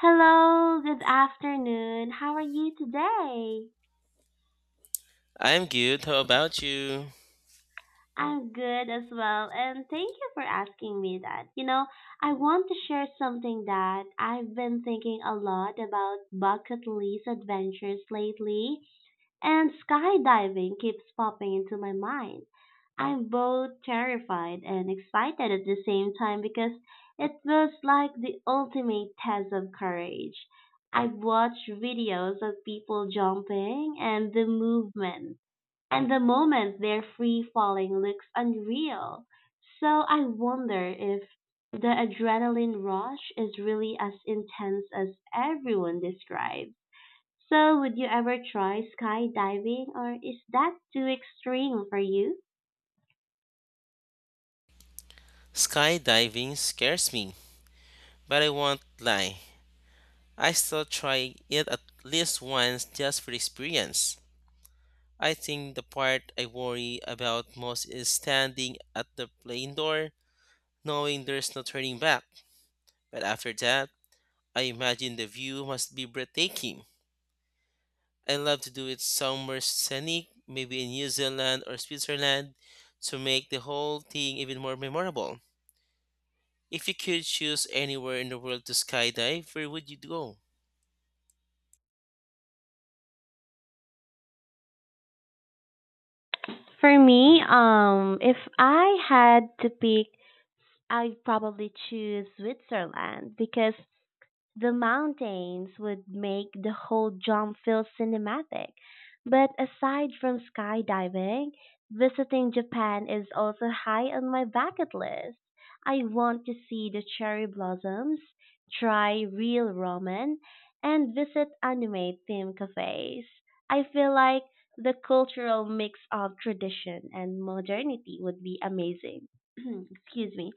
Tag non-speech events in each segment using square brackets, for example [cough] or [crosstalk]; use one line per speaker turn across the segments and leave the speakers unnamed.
Hello, good afternoon. How are you today?
I'm good. How about you?
I'm good as well, and thank you for asking me that. You know, I want to share something that I've been thinking a lot about bucket list adventures lately. And skydiving keeps popping into my mind. I'm both terrified and excited at the same time because it feels like the ultimate test of courage. I've watched videos of people jumping and the movement and the moment they're free falling looks unreal. So I wonder if the adrenaline rush is really as intense as everyone describes. So, would you ever try skydiving, or is that too extreme for you?
Skydiving scares me, but I won't lie. I still try it at least once just for the experience. I think the part I worry about most is standing at the plane door, knowing there's no turning back. But after that, I imagine the view must be breathtaking. I love to do it somewhere scenic, maybe in New Zealand or Switzerland, to make the whole thing even more memorable. If you could choose anywhere in the world to skydive, where would you go?
For me, if I had to pick, I'd probably choose Switzerland because the mountains would make the whole jump feel cinematic. But aside from skydiving, visiting Japan is also high on my bucket list. I want to see the cherry blossoms, try real ramen, and visit anime theme cafes. I feel like the cultural mix of tradition and modernity would be amazing. [clears throat] Excuse me.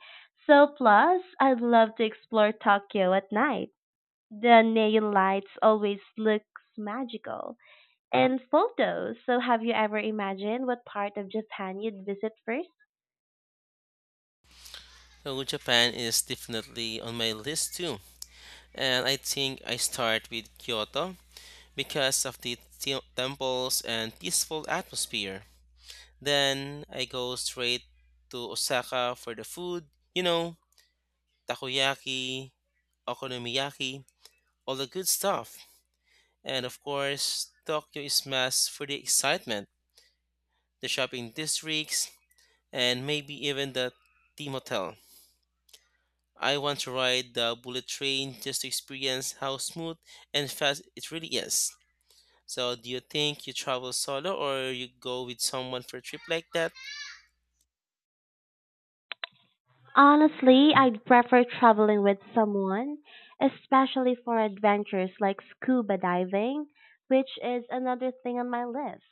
So, plus, I'd love to explore Tokyo at night, the neon lights always looks magical. And photos. So have you ever imagined what part of Japan you'd visit first?
So Japan is definitely on my list too. And I think I start with Kyoto because of the temples and peaceful atmosphere. Then I go straight to Osaka for the food, you know, takoyaki, okonomiyaki, all the good stuff. And of course, Tokyo is mass for the excitement, the shopping districts, and maybe even the theme hotel. I want to ride the bullet train just to experience how smooth and fast it really is. So, do you think you travel solo or you go with someone for a trip like that?
Honestly, I'd prefer traveling with someone, especially for adventures like scuba diving, which is another thing on my list.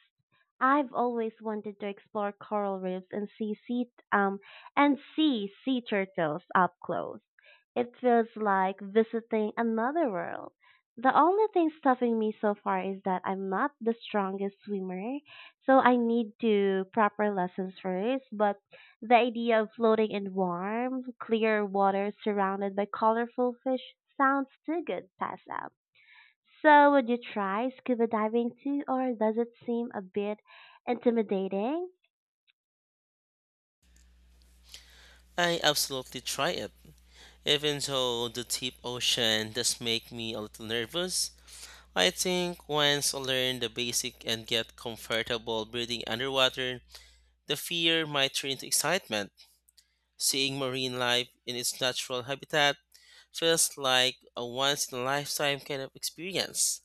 I've always wanted to explore coral reefs um and see sea turtles up close. It feels like visiting another world. The only thing stopping me so far is that I'm not the strongest swimmer, so I need to proper lessons first, but the idea of floating in warm, clear water surrounded by colorful fish sounds too good, pass up. So, would you try scuba diving too, or does it seem a bit intimidating?
I absolutely try it. Even though the deep ocean does make me a little nervous, I think once I learn the basic and get comfortable breathing underwater, the fear might turn into excitement. Seeing marine life in its natural habitat feels like a once in a lifetime kind of experience.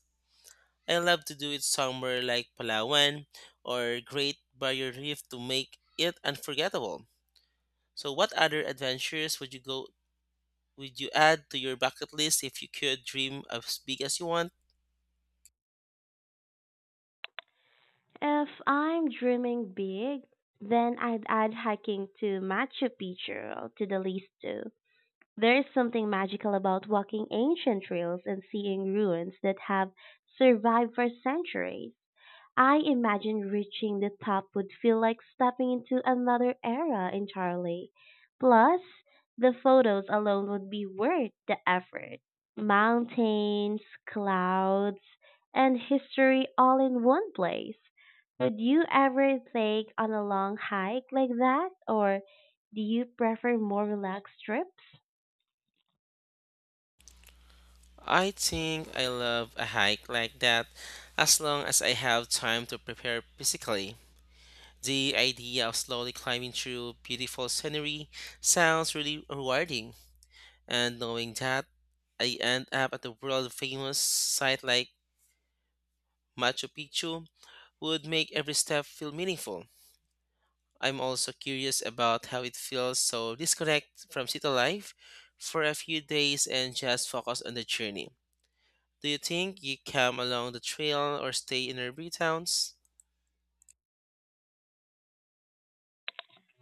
I love to do it somewhere like Palawan or Great Barrier Reef to make it unforgettable. So what other adventures would you add to your bucket list if you could dream as big as you want?
If I'm dreaming big, then I'd add hiking to Machu Picchu to the list too. There is something magical about walking ancient trails and seeing ruins that have survived for centuries. I imagine reaching the top would feel like stepping into another era entirely. Plus, the photos alone would be worth the effort. Mountains, clouds, and history all in one place. Would you ever take on a long hike like that, or do you prefer more relaxed trips?
I think I love a hike like that as long as I have time to prepare physically. The idea of slowly climbing through beautiful scenery sounds really rewarding, and knowing that I end up at the world famous site like Machu Picchu would make every step feel meaningful. I'm also curious about how it feels so disconnect from city life for a few days and just focus on the journey. Do you think you come along the trail or stay in urban towns?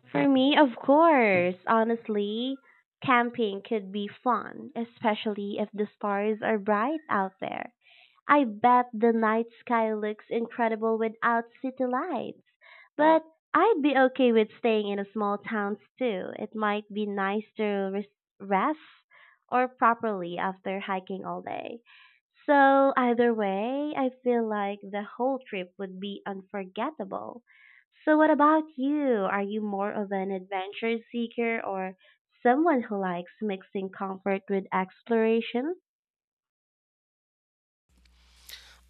For me, of course. Honestly, camping could be fun, especially if the stars are bright out there. I bet the night sky looks incredible without city lights, but I'd be okay with staying in a small town too. It might be nice to rest or properly after hiking all day. So either way, I feel like the whole trip would be unforgettable. So what about you? Are you more of an adventure seeker or someone who likes mixing comfort with exploration?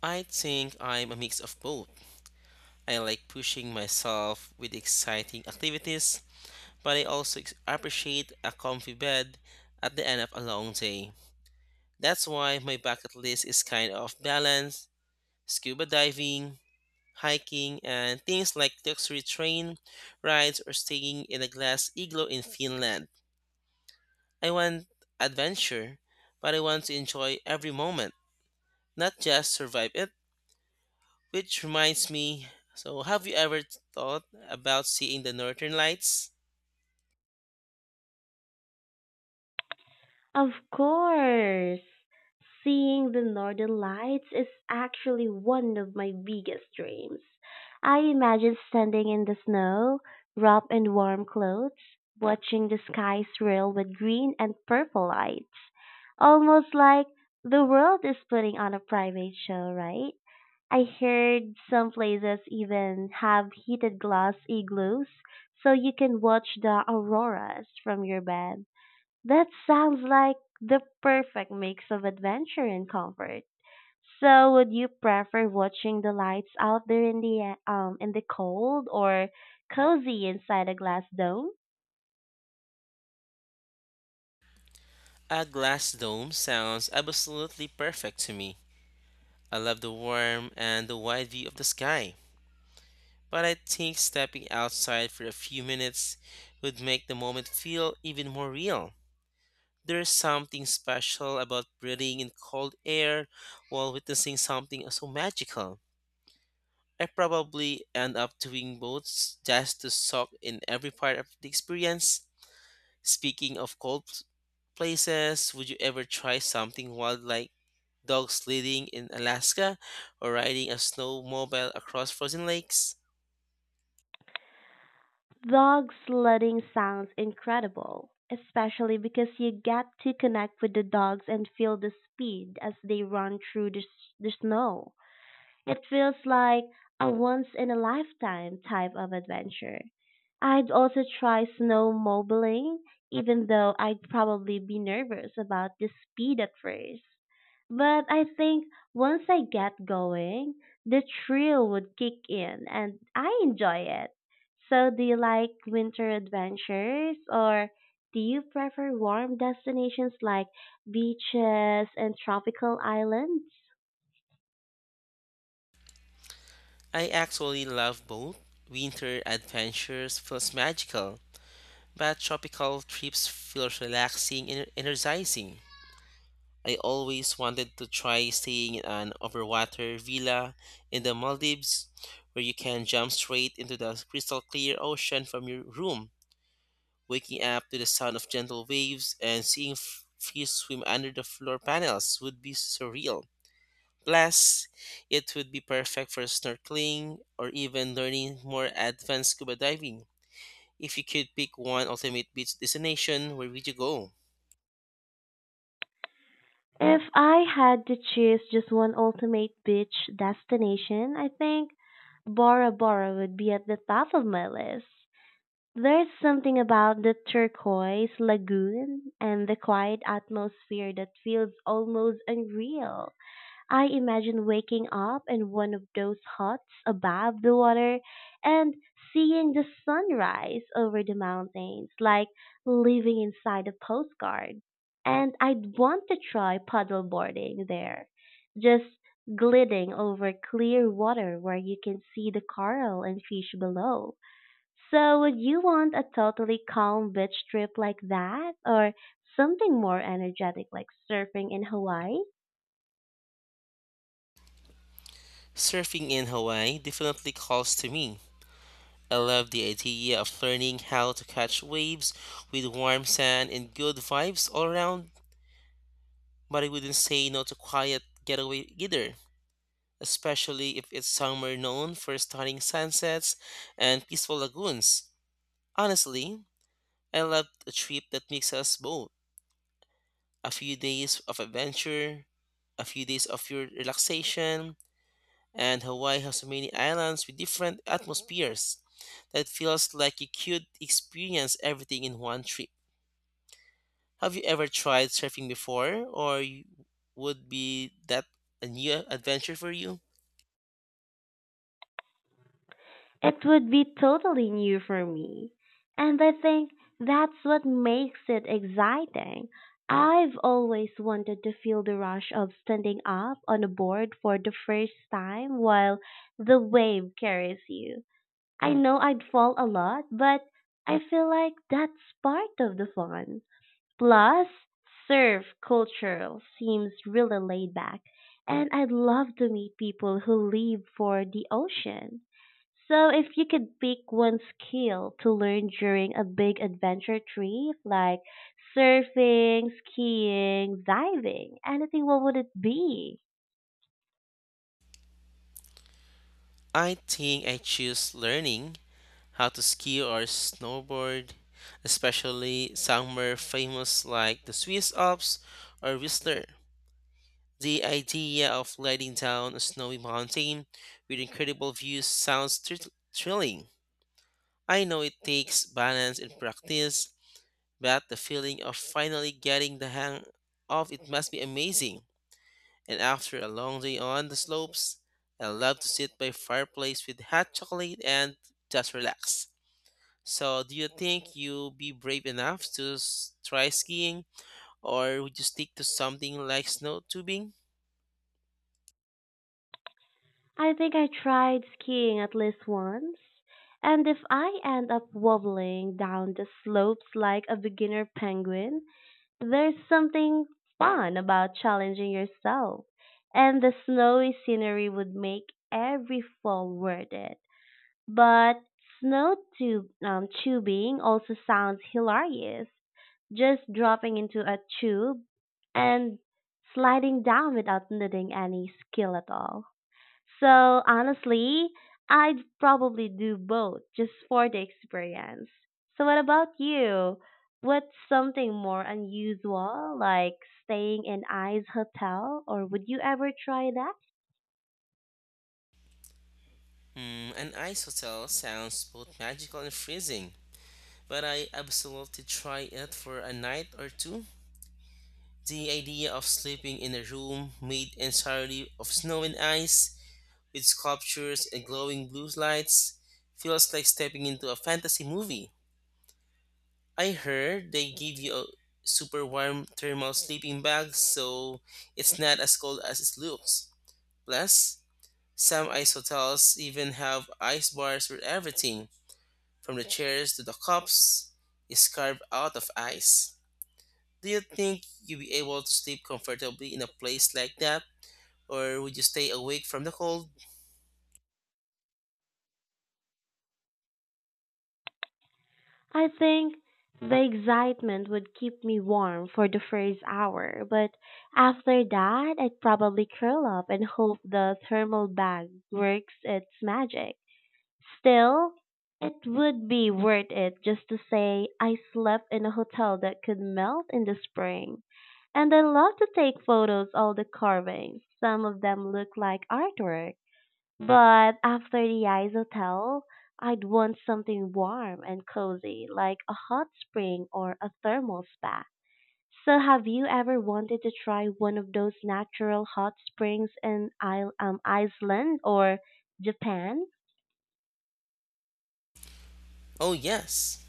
I think I'm a mix of both. I like pushing myself with exciting activities, but I also appreciate a comfy bed at the end of a long day. That's why my bucket list is kind of balanced scuba diving, hiking, and things like luxury train rides or staying in a glass igloo in Finland. I want adventure, but I want to enjoy every moment, not just survive it. Which reminds me so, have you ever thought about seeing the northern lights?
Of course! Seeing the northern lights is actually one of my biggest dreams. I imagine standing in the snow, wrapped in warm clothes, watching the sky swirl with green and purple lights. Almost like the world is putting on a private show, right? I heard some places even have heated glass igloos so you can watch the auroras from your bed. That sounds like the perfect mix of adventure and comfort. So, would you prefer watching the lights out there in the cold or cozy inside a glass dome?
A glass dome sounds absolutely perfect to me. I love the warm and the wide view of the sky, but I think stepping outside for a few minutes would make the moment feel even more real. There's something special about breathing in cold air while witnessing something so magical. I probably end up doing both just to soak in every part of the experience. Speaking of cold places, would you ever try something wild like dog sledding in Alaska, or riding a snowmobile across frozen lakes.
Dog sledding sounds incredible, especially because you get to connect with the dogs and feel the speed as they run through the snow. It feels like a once in a lifetime type of adventure. I'd also try snowmobiling, even though I'd probably be nervous about the speed at first. But I think once I get going, the thrill would kick in and I enjoy it. So, do you like winter adventures or do you prefer warm destinations like beaches and tropical islands?
I actually love both. Winter adventures feels magical, but tropical trips feel relaxing and energizing. I always wanted to try staying in an overwater villa in the Maldives where you can jump straight into the crystal clear ocean from your room, waking up to the sound of gentle waves and seeing fish swim under the floor panels would be surreal. Plus, it would be perfect for snorkeling or even learning more advanced scuba diving. If you could pick one ultimate beach destination, where would you go?
If I had to choose just one ultimate beach destination, I think Bora Bora would be at the top of my list. There's something about the turquoise lagoon and the quiet atmosphere that feels almost unreal. I imagine waking up in one of those huts above the water and seeing the sunrise over the mountains, like living inside a postcard. And I'd want to try paddle boarding there, just gliding over clear water where you can see the coral and fish below. So, would you want a totally calm beach trip like that, or something more energetic like surfing in Hawaii?
Surfing in Hawaii definitely calls to me. I love the idea of learning how to catch waves with warm sand and good vibes all around, but I wouldn't say no to quiet getaway either, especially if it's somewhere known for stunning sunsets and peaceful lagoons. Honestly, I love a trip that makes us both a few days of adventure, a few days of your relaxation, and Hawaii has so many islands with different atmospheres that feels like you could experience everything in one trip. Have you ever tried surfing before, or would be that a new adventure for you?
It would be totally new for me. And I think that's what makes it exciting. I've always wanted to feel the rush of standing up on a board for the first time while the wave carries you. I know I'd fall a lot, but I feel like that's part of the fun. Plus, surf culture seems really laid back, and I'd love to meet people who live for the ocean. So, if you could pick one skill to learn during a big adventure trip, like surfing, skiing, diving, anything, what would it be?
I think I choose learning how to ski or snowboard, especially somewhere famous like the Swiss Alps or Whistler. The idea of letting down a snowy mountain with incredible views sounds thrilling. I know it takes balance and practice, but the feeling of finally getting the hang of it must be amazing. And after a long day on the slopes, I love to sit by fireplace with hot chocolate and just relax. So, do you think you'll be brave enough to try skiing, or would you stick to something like snow tubing?
I think I tried skiing at least once. And if I end up wobbling down the slopes like a beginner penguin, there's something fun about challenging yourself, and the snowy scenery would make every fall worth it. But snow tube tubing also sounds hilarious. Just dropping into a tube and sliding down without needing any skill at all. So honestly, I'd probably do both just for the experience. So what about you? What's something more unusual, like staying in Ice Hotel, or would you ever try that?
Hmm, an ice hotel sounds both magical and freezing, but I absolutely try it for a night or two. The idea of sleeping in a room made entirely of snow and ice, with sculptures and glowing blue lights, feels like stepping into a fantasy movie. I heard they give you a super warm thermal sleeping bag, so it's not as cold as it looks. Plus, some ice hotels even have ice bars where everything, from the chairs to the cups, is carved out of ice. Do you think you'll be able to sleep comfortably in a place like that, or would you stay awake from the cold?
I think the excitement would keep me warm for the first hour, but after that, I'd probably curl up and hope the thermal bag works its magic. Still, it would be worth it just to say I slept in a hotel that could melt in the spring. And I love to take photos all the carvings. Some of them look like artwork. But after the ice hotel, I'd want something warm and cozy like a hot spring or a thermal spa. So have you ever wanted to try one of those natural hot springs in Iceland or Japan?
Oh, yes,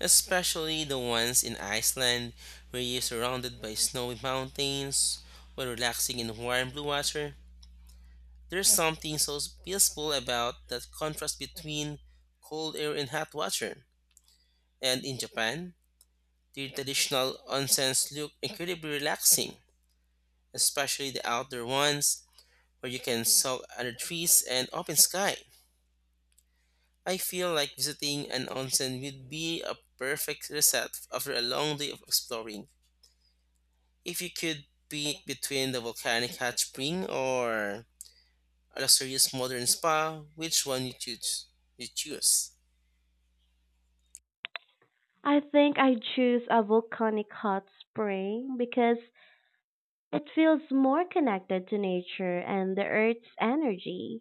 especially the ones in Iceland where you're surrounded by snowy mountains while relaxing in warm blue water. There's something so peaceful about that contrast between cold air and hot water. And in Japan, the traditional onsens look incredibly relaxing, especially the outdoor ones where you can soak under trees and open sky. I feel like visiting an onsen would be a perfect reset after a long day of exploring. If you could be between the volcanic hot spring or a luxurious modern spa, which one you choose? You choose.
I think I choose a volcanic hot spring because it feels more connected to nature and the earth's energy.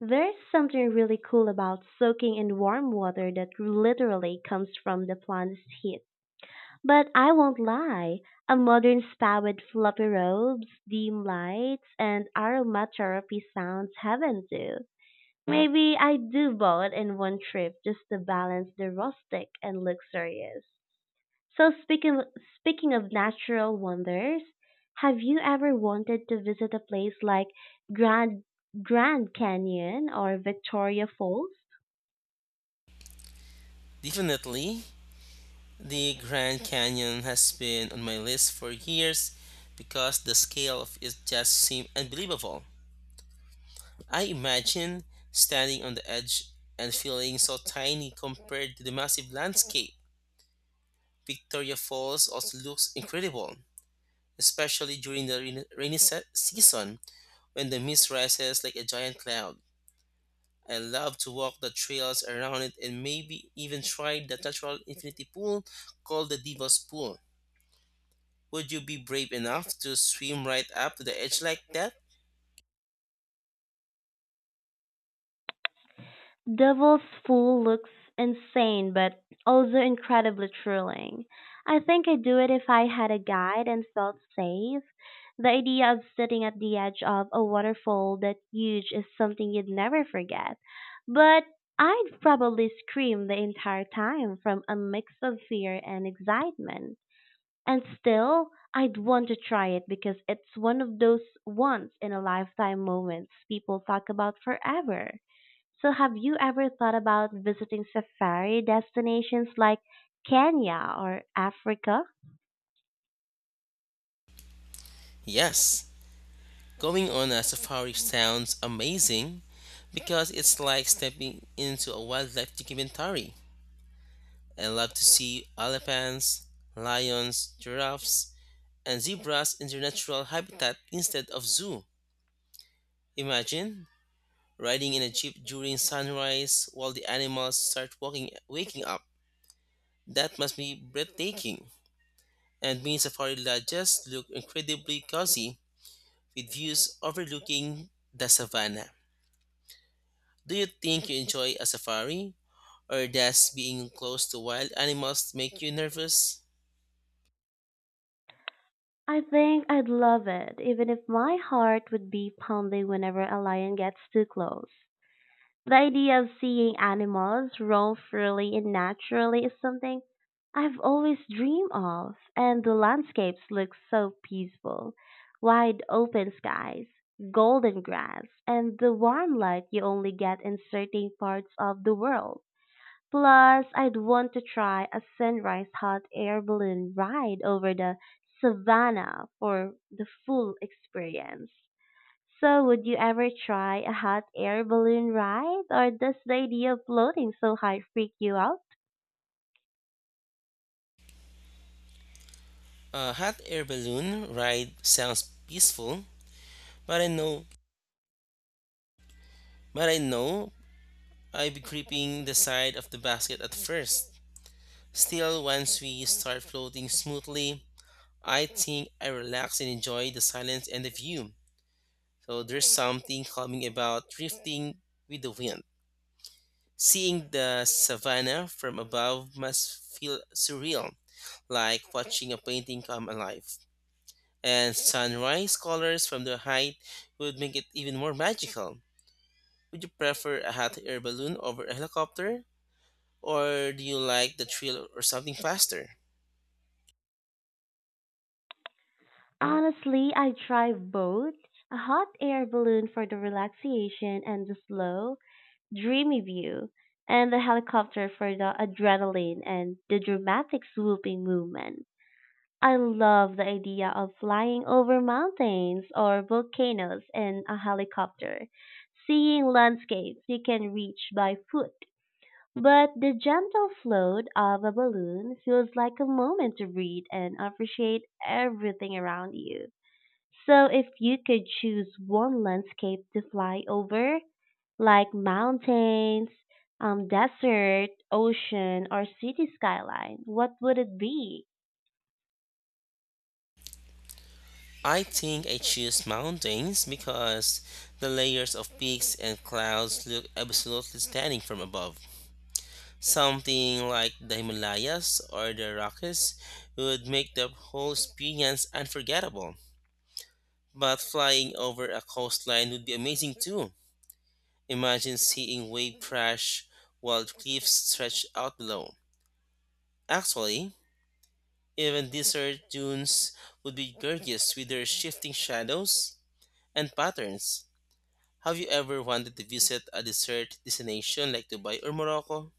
There's something really cool about soaking in warm water that literally comes from the plant's heat. But I won't lie, a modern spa with fluffy robes, dim lights, and aromatherapy sounds heaven too. Maybe I do both in one trip just to balance the rustic and luxurious. So speaking of natural wonders, have you ever wanted to visit a place like Grand Grand Canyon or Victoria Falls?
Definitely, the Grand Canyon has been on my list for years because the scale of it just seemed unbelievable. I imagine standing on the edge and feeling so tiny compared to the massive landscape. Victoria Falls also looks incredible, especially during the rainy season when the mist rises like a giant cloud. I love to walk the trails around it and maybe even try the natural infinity pool called the Devil's Pool. Would you be brave enough to swim right up to the edge like that?
Devil's Pool looks insane but also incredibly thrilling. I think I'd do it if I had a guide and felt safe. The idea of sitting at the edge of a waterfall that huge is something you'd never forget, but I'd probably scream the entire time from a mix of fear and excitement. And still, I'd want to try it because it's one of those once in a lifetime moments people talk about forever. So, have you ever thought about visiting safari destinations like Kenya or Africa?
Yes. Going on a safari sounds amazing because it's like stepping into a wildlife documentary. I love to see elephants, lions, giraffes, and zebras in their natural habitat instead of zoo. Imagine riding in a jeep during sunrise while the animals start walking waking up. That must be breathtaking. And mini safari lodges look incredibly cozy with views overlooking the savannah. Do you think you enjoy a safari? Or does being close to wild animals make you nervous?
I think I'd love it, even if my heart would be pounding whenever a lion gets too close. The idea of seeing animals roam freely and naturally is something I've always dreamed of, and the landscapes look so peaceful. Wide open skies, golden grass, and the warm light you only get in certain parts of the world. Plus, I'd want to try a sunrise hot air balloon ride over the savannah for the full experience. So, would you ever try a hot air balloon ride, or does the idea of floating so high freak you out?
A hot air balloon ride sounds peaceful, but I know but I know I'd be gripping the side of the basket at first. Still, once we start floating smoothly, I think I relax and enjoy the silence and the view. So there's something calming about drifting with the wind. Seeing the savannah from above must feel surreal, like watching a painting come alive. And sunrise colors from the height would make it even more magical. Would you prefer a hot air balloon over a helicopter? Or do you like the thrill or something faster?
Honestly, I try both. A hot air balloon for the relaxation and the slow, dreamy view, and the helicopter for the adrenaline and the dramatic swooping movement. I love the idea of flying over mountains or volcanoes in a helicopter, seeing landscapes you can reach by foot. But the gentle float of a balloon feels like a moment to breathe and appreciate everything around you. So if you could choose one landscape to fly over, like mountains, desert, ocean, or city skyline, what would it be?
I think I choose mountains because the layers of peaks and clouds look absolutely stunning from above. Something like the Himalayas or the Rockies would make the whole experience unforgettable. But flying over a coastline would be amazing too. Imagine seeing wave crash while cliffs stretch out below. Actually, even desert dunes would be gorgeous with their shifting shadows and patterns. Have you ever wanted to visit a desert destination like Dubai or Morocco?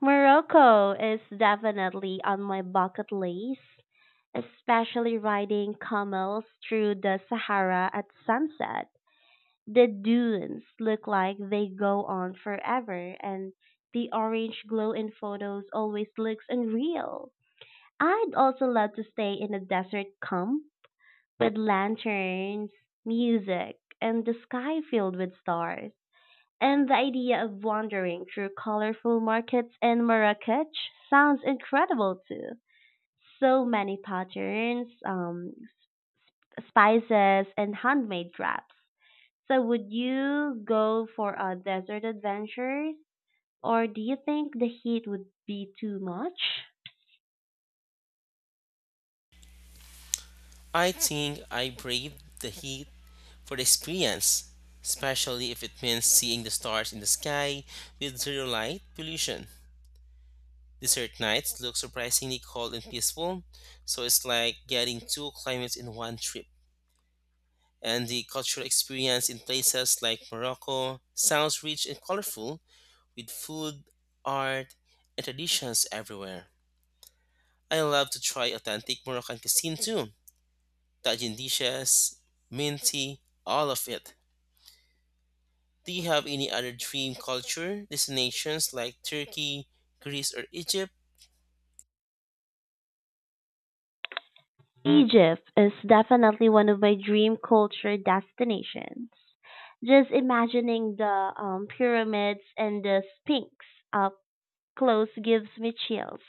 Morocco is definitely on my bucket list, especially riding camels through the Sahara at sunset. The dunes look like they go on forever, and the orange glow in photos always looks unreal. I'd also love to stay in a desert camp with lanterns, music, and the sky filled with stars. And the idea of wandering through colorful markets in Marrakech sounds incredible too. So many patterns, spices, and handmade wraps. So, would you go for a desert adventure, or do you think the heat would be too much?
I think I braved the heat for the experience, especially if it means seeing the stars in the sky with zero light pollution. Desert nights look surprisingly cold and peaceful, so it's like getting two climates in one trip. And the cultural experience in places like Morocco sounds rich and colorful with food, art, and traditions everywhere. I love to try authentic Moroccan cuisine too. Tajin dishes, mint tea, all of it. Do you have any other dream culture destinations like Turkey, Greece, or Egypt?
Egypt is definitely one of my dream culture destinations, just imagining the pyramids and the Sphinx up close gives me chills.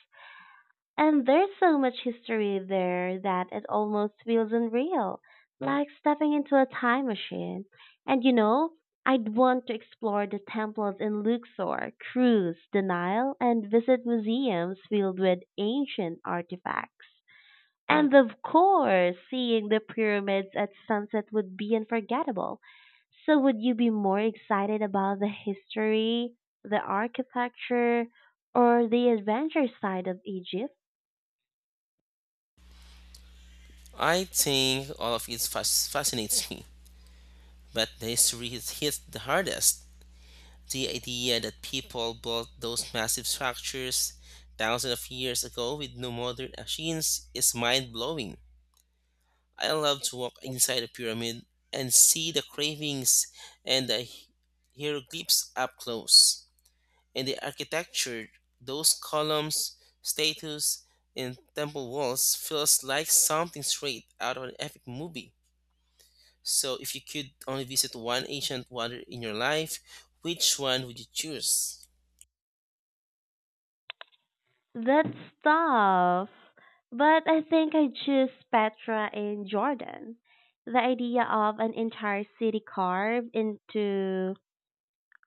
And there's so much history there that it almost feels unreal, like stepping into a time machine. And you know, I'd want to explore the temples in Luxor, cruise the Nile, and visit museums filled with ancient artifacts. And of course, seeing the pyramids at sunset would be unforgettable. So, would you be more excited about the history, the architecture, or the adventure side of Egypt?
I think all of it fascinates me, but the history hits the hardest. The idea that people built those massive structures thousands of years ago with no modern machines is mind blowing. I love to walk inside a pyramid and see the cravings and the hieroglyphs up close. And the architecture, those columns, statues, and temple walls feels like something straight out of an epic movie. So if you could only visit one ancient wonder in your life, which one would you choose?
That's tough. But I think I choose Petra in Jordan. The idea of an entire city carved into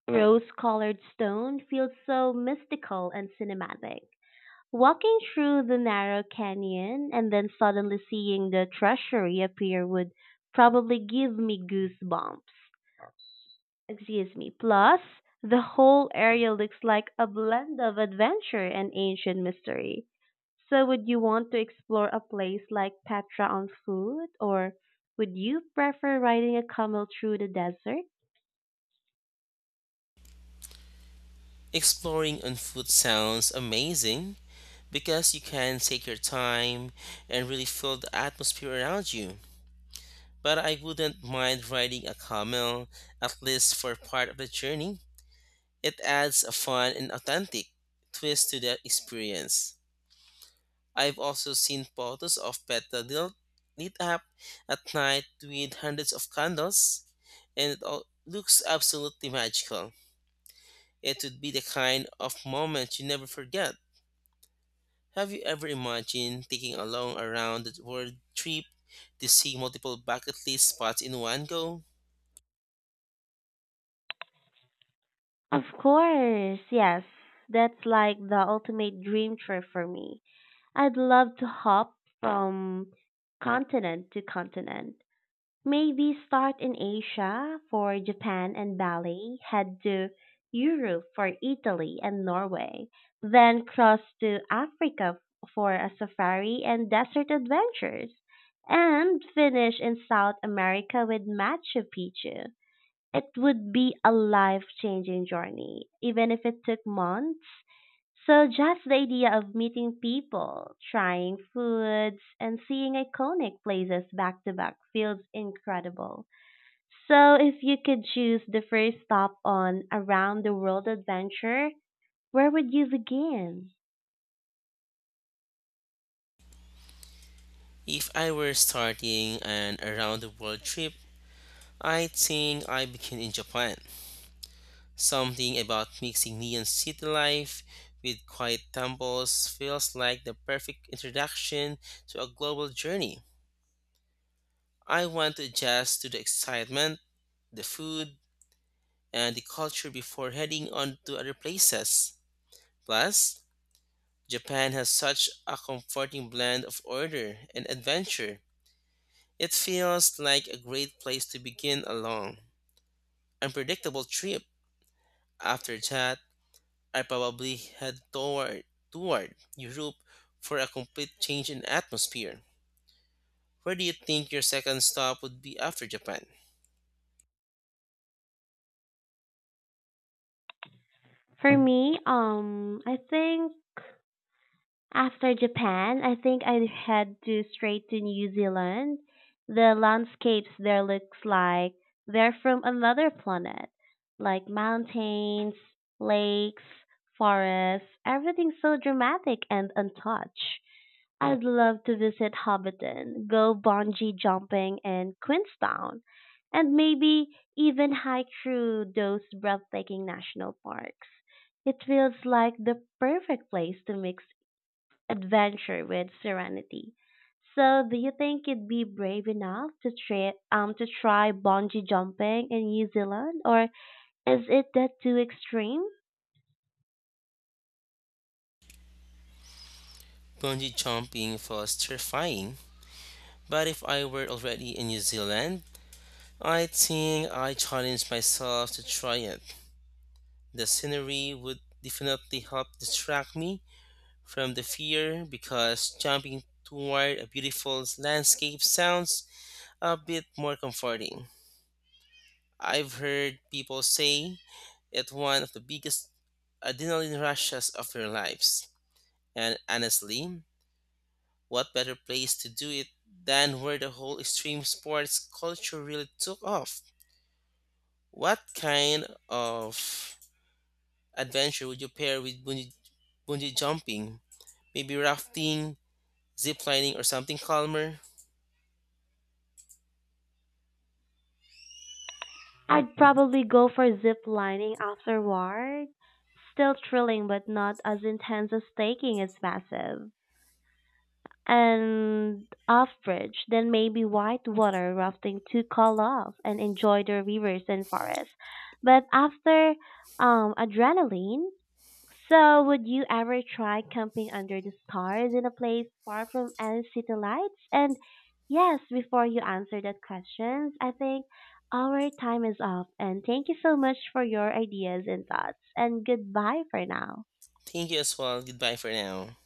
rose colored stone feels so mystical and cinematic. Walking through the narrow canyon and then suddenly seeing the treasury appear would probably give me goosebumps, excuse me. Plus, the whole area looks like a blend of adventure and ancient mystery. So, would you want to explore a place like Petra on foot, or would you prefer riding a camel through the desert?
Exploring on foot sounds amazing because you can take your time and really feel the atmosphere around you. But I wouldn't mind riding a camel, at least for part of the journey. It adds a fun and authentic twist to the experience. I've also seen photos of Petra lit up at night with hundreds of candles, and it all looks absolutely magical. It would be the kind of moment you never forget. Have you ever imagined taking a long around the world trip to see multiple bucket list spots in one go?
Of course, yes. That's like the ultimate dream trip for me. I'd love to hop from continent to continent. Maybe start in Asia for Japan and Bali, head to Europe for Italy and Norway, then cross to Africa for a safari and desert adventures, and finish in South America with Machu Picchu. It would be a life changing journey, even if it took months. So, just the idea of meeting people, trying foods, and seeing iconic places back to back feels incredible. So, if you could choose the first stop on a round the world adventure, where would you begin?
If I were starting an around the world trip, I think I begin in Japan. Something about mixing neon city life with quiet temples feels like the perfect introduction to a global journey. I want to adjust to the excitement, the food, and the culture before heading on to other places. Plus, Japan has such a comforting blend of order and adventure. It feels like a great place to begin a long, unpredictable trip. After that, I probably toward Europe for a complete change in atmosphere. Where do you think your second stop would be after Japan?
For me, I think after Japan, I think I head to straight to New Zealand. The landscapes there looks like they're from another planet, like mountains, lakes, forests, everything's so dramatic and untouched. I'd love to visit Hobbiton, go bungee jumping in Queenstown, and maybe even hike through those breathtaking national parks. It feels like the perfect place to mix adventure with serenity. So, do you think you'd be brave enough to try bungee jumping in New Zealand, or is it that too extreme?
Bungee jumping was terrifying, but if I were already in New Zealand, I think I challenge myself to try it. The scenery would definitely help distract me from the fear because jumping toward a beautiful landscape sounds a bit more comforting. I've heard people say it's one of the biggest adrenaline rushes of their lives. And honestly, what better place to do it than where the whole extreme sports culture really took off? What kind of adventure would you pair with bungee jumping? Maybe rafting, ziplining, or something calmer.
I'd probably go for zip lining afterward. Still thrilling, but not as intense as taking is massive. And off bridge, then maybe white water rafting to cool off and enjoy the rivers and forests. But um adrenaline, so, would you ever try camping under the stars in a place far from any city lights? And yes, before you answer that questions, I think our time is up. And thank you so much for your ideas and thoughts. And goodbye for now.
Thank you as well. Goodbye for now.